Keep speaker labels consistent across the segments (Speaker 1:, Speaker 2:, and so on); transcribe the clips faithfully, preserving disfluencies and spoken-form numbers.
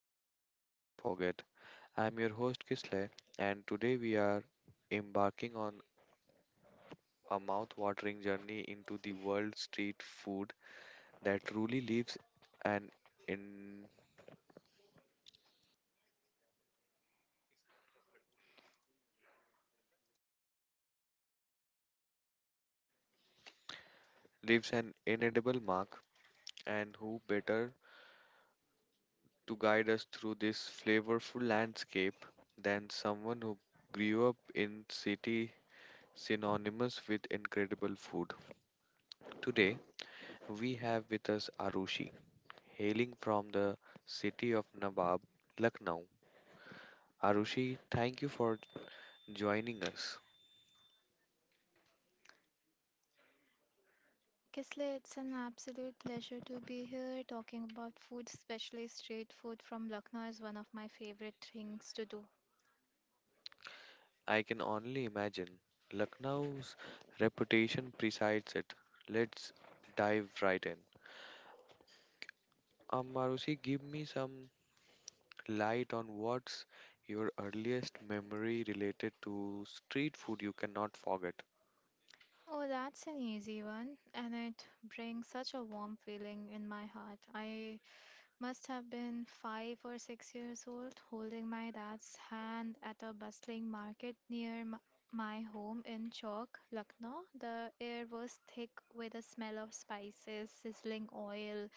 Speaker 1: Street Food You Can't Forget. I'm your host Kisle, and today we are embarking on a mouth watering journey into the world street food that truly leaves an in leaves an inedible mark, and who better to guide us through this flavorful landscape than someone who grew up in city synonymous with incredible food. Today we have with us Arushi hailing from the city of Nawab, Lucknow. Arushi, thank you for joining us.
Speaker 2: Kisle, it's an absolute pleasure to be here talking about food, especially street food from Lucknow is one of my favorite things to do.
Speaker 1: I can only imagine Lucknow's reputation presides it. Let's dive right in. Um, Arushi, give me some light on what's your earliest memory related to street food you cannot forget.
Speaker 2: Oh, that's an easy one, and it brings such a warm feeling in my heart. I must have been five or six years old, holding my dad's hand at a bustling market near m- my home in Chowk, Lucknow. The air was thick with the smell of spices, sizzling oil,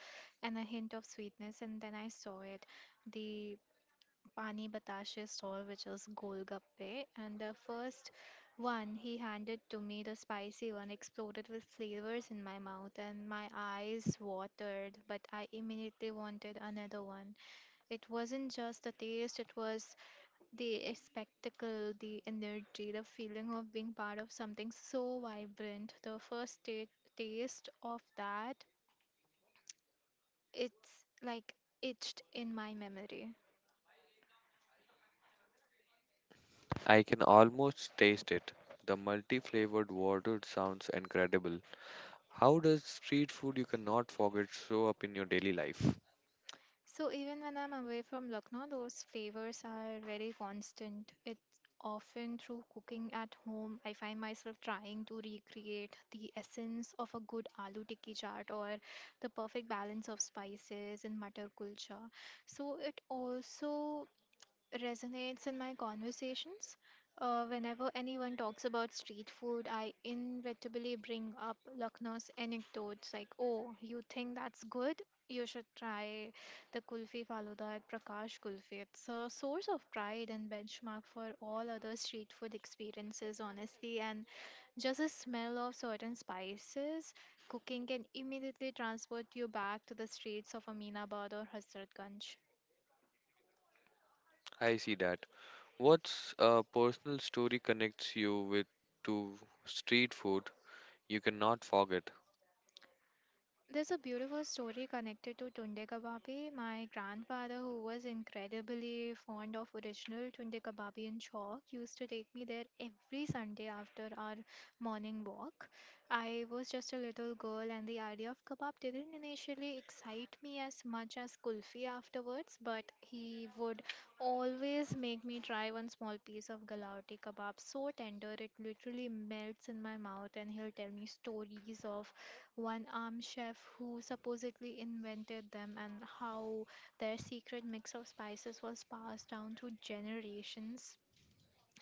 Speaker 2: and a hint of sweetness, and then I saw it. The Pani Batashi stall, which is Golgappe. And the first one he handed to me, the spicy one, exploded with flavors in my mouth, and my eyes watered. But I immediately wanted another one. It wasn't just the taste, it was the spectacle, the energy, the feeling of being part of something so vibrant. The first ta- taste of that, it's like itched in my memory.
Speaker 1: I can almost taste it. The multi flavored water sounds incredible. How does street food you cannot forget show up in your daily life?
Speaker 2: So even when I'm away from Lucknow, those flavors are very constant. It's often through cooking at home, I find myself trying to recreate the essence of a good aloo tikki chaat or the perfect balance of spices in matar kulcha. So it also resonates in my conversations. Uh, whenever anyone talks about street food, I inevitably bring up Lucknow's anecdotes like, oh, you think that's good? You should try the Kulfi Faluda at Prakash Kulfi. It's a source of pride and benchmark for all other street food experiences, honestly. And just the smell of certain spices cooking can immediately transport you back to the streets of Aminabad or Hazratganj.
Speaker 1: I see that. What's a personal story connects you with to street food you cannot forget?
Speaker 2: There's a beautiful story connected to tunde kababi. My grandfather, who was incredibly fond of original tunde kababi in chalk, used to take me there every Sunday after our morning walk. I was just a little girl, and the idea of kebab didn't initially excite me as much as kulfi afterwards, but he would always make me try one small piece of galauti kebab so tender it literally melts in my mouth, and he'll tell me stories of one arm chef who supposedly invented them, and how their secret mix of spices was passed down through generations.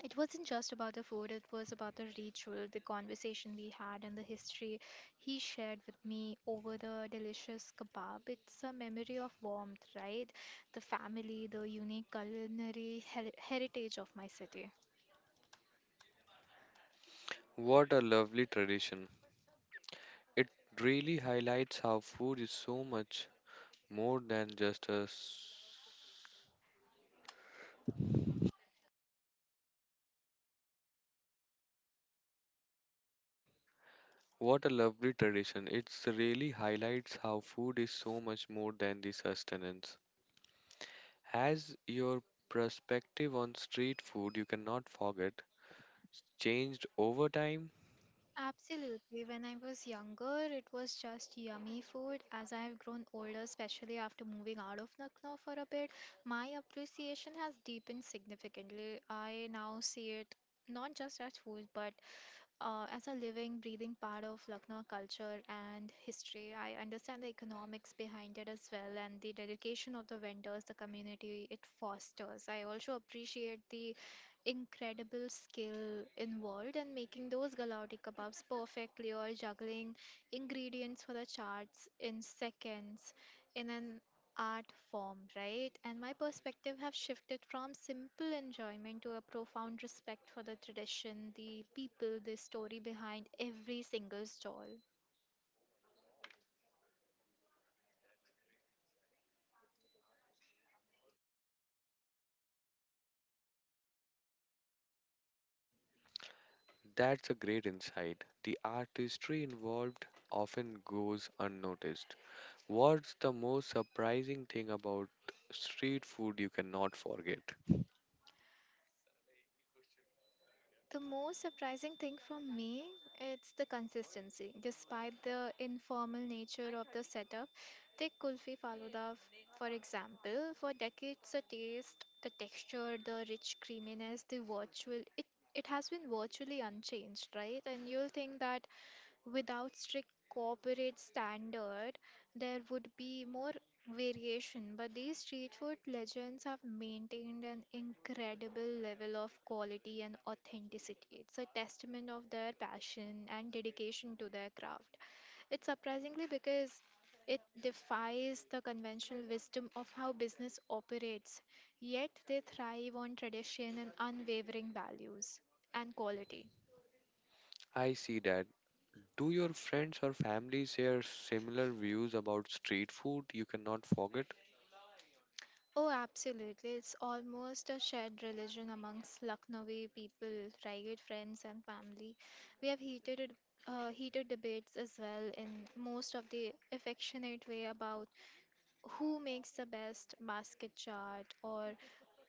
Speaker 2: It wasn't just about the food, it was about the ritual, the conversation we had, and the history he shared with me over the delicious kebab. It's a memory of warmth, right? The family, the unique culinary her- heritage of my city.
Speaker 1: What a lovely tradition. It really highlights how food is so much more than just a s- What a lovely tradition. It really highlights how food is so much more than the sustenance. Has your perspective on street food you cannot forget changed over time?
Speaker 2: Absolutely. When I was younger, it was just yummy food. As I have grown older, especially after moving out of Lucknow for a bit, my appreciation has deepened significantly. I now see it not just as food, but uh, as a living, breathing part of Lucknow culture and history. I understand the economics behind it as well and the dedication of the vendors, the community it fosters. I also appreciate the incredible skill involved in making those gulauti kebabs perfectly or juggling ingredients for the charts in seconds in an art form, right? And my perspective have shifted from simple enjoyment to a profound respect for the tradition, the people, the story behind every single stall.
Speaker 1: That's a great insight. The artistry involved often goes unnoticed. What's the most surprising thing about street food you cannot forget?
Speaker 2: The most surprising thing for me it's the consistency. Despite the informal nature of the setup, take kulfi faluda f- for example. For decades, the taste, the texture, the rich creaminess, the virtual it it has been virtually unchanged, right? And you'll think that without strict corporate standard, there would be more variation, but these street food legends have maintained an incredible level of quality and authenticity. It's a testament of their passion and dedication to their craft. It's surprisingly because it defies the conventional wisdom of how business operates, yet they thrive on tradition and unwavering values and quality.
Speaker 1: I see that. Do your friends or family share similar views about street food you cannot forget?
Speaker 2: Oh, absolutely. It's almost a shared religion amongst Lucknowi people, right? Friends and family. We have heated uh, heated debates as well in most of the affectionate way about who makes the best basket chart or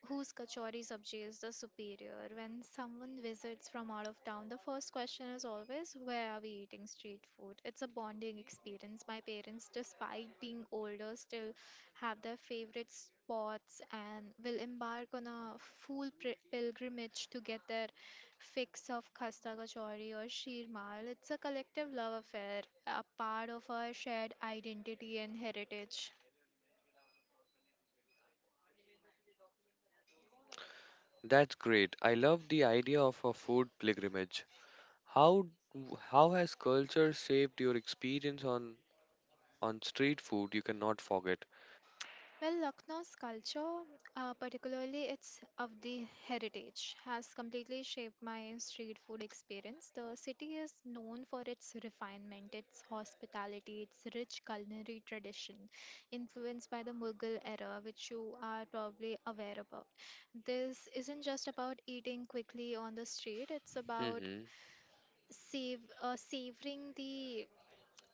Speaker 2: whose kachori sabji is the superior? When someone visits from out of town, the first question is always, where are we eating street food? It's a bonding experience. My parents, despite being older, still have their favorite spots and will embark on a full pri- pilgrimage to get their fix of khasta kachori or sheermal. It's a collective love affair, a part of our shared identity and heritage.
Speaker 1: That's great. I love the idea of a food pilgrimage. How how has culture shaped your experience on on street food you cannot forget?
Speaker 2: Well, Lucknow's culture, uh, particularly its of the heritage, has completely shaped my street food experience. The city is known for its refinement, its hospitality, its rich culinary tradition, influenced by the Mughal era, which you are probably aware about. This isn't just about eating quickly on the street, it's about
Speaker 1: Hmm.
Speaker 2: save, uh, savoring the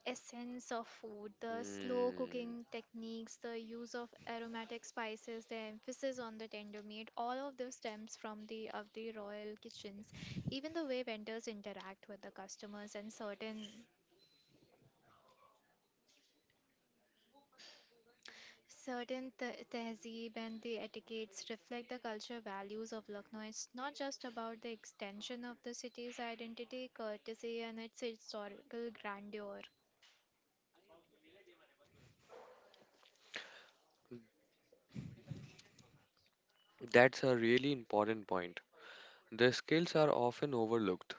Speaker 2: essence of food, the slow
Speaker 1: Hmm,
Speaker 2: cooking techniques, the use of aromatic spices, the emphasis on the tender meat, all of this stems from the of the royal kitchens. Even the way vendors interact with the customers and certain certain te- tehzeeb and the etiquettes reflect the culture values of Lucknow. It's not just about the extension of the city's identity, courtesy, and its historical grandeur.
Speaker 1: that's a really important point. The skills are often overlooked.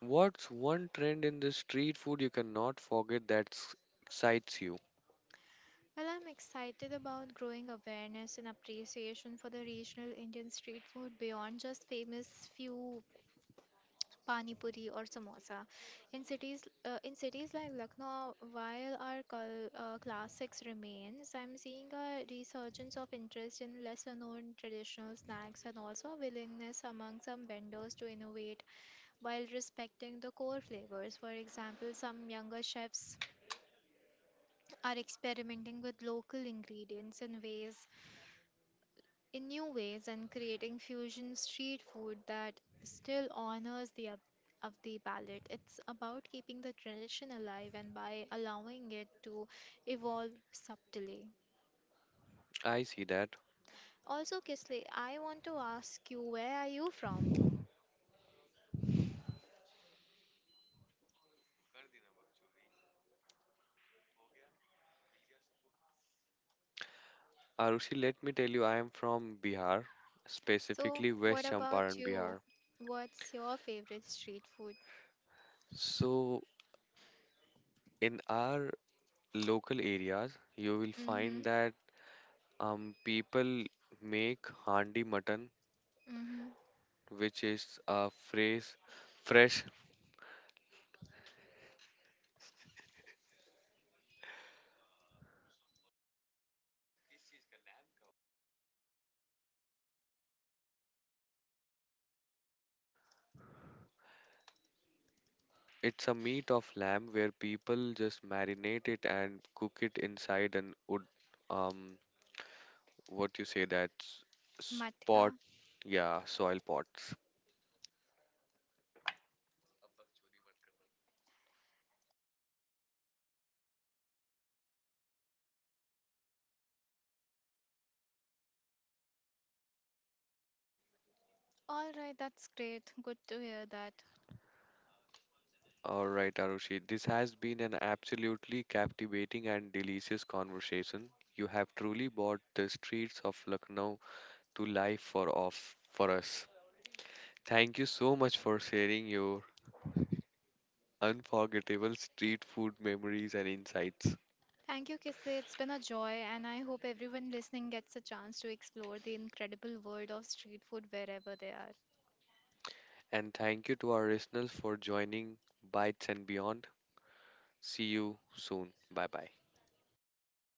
Speaker 1: What's one trend in the street food you cannot forget that s- excites you?
Speaker 2: Well, I'm excited about growing awareness and appreciation for the regional Indian street food beyond just famous few pani puri or samosa. In cities, uh, in cities like Lucknow, while our cul- uh, classics remains, I'm seeing a resurgence of interest in lesser-known traditional snacks and also a willingness among some vendors to innovate while respecting the core flavors. For example, some younger chefs are experimenting with local ingredients in ways in new ways and creating fusion street food that still honors the up- of the palate. It's about keeping the tradition alive and by allowing it to evolve subtly.
Speaker 1: I see that.
Speaker 2: Also, Kisley, I want to ask you, where are you from?
Speaker 1: Arushi, let me tell you, I am from Bihar,
Speaker 2: So,
Speaker 1: specifically
Speaker 2: what
Speaker 1: West
Speaker 2: about
Speaker 1: Champaran,
Speaker 2: you?
Speaker 1: Bihar.
Speaker 2: What's your favorite street food?
Speaker 1: So, in our local areas, you will
Speaker 2: Mm-hmm.
Speaker 1: find that um, people make handi mutton,
Speaker 2: Mm-hmm.
Speaker 1: which is a fresh, fresh It's a meat of lamb where people just marinate it and cook it inside an wood, um, what you say that s-
Speaker 2: Matka.
Speaker 1: spot, yeah, soil pots.
Speaker 2: All right, that's great. Good to hear that.
Speaker 1: All right, Arushi, this has been an absolutely captivating and delicious conversation. You have truly brought the streets of Lucknow to life for off for us. Thank you so much for sharing your unforgettable street food memories and insights.
Speaker 2: Thank you, Kisle. It's been a joy, and I hope everyone listening gets a chance to explore the incredible world of street food wherever they are.
Speaker 1: And thank you to our listeners for joining Bites and Beyond. See you soon. Bye bye.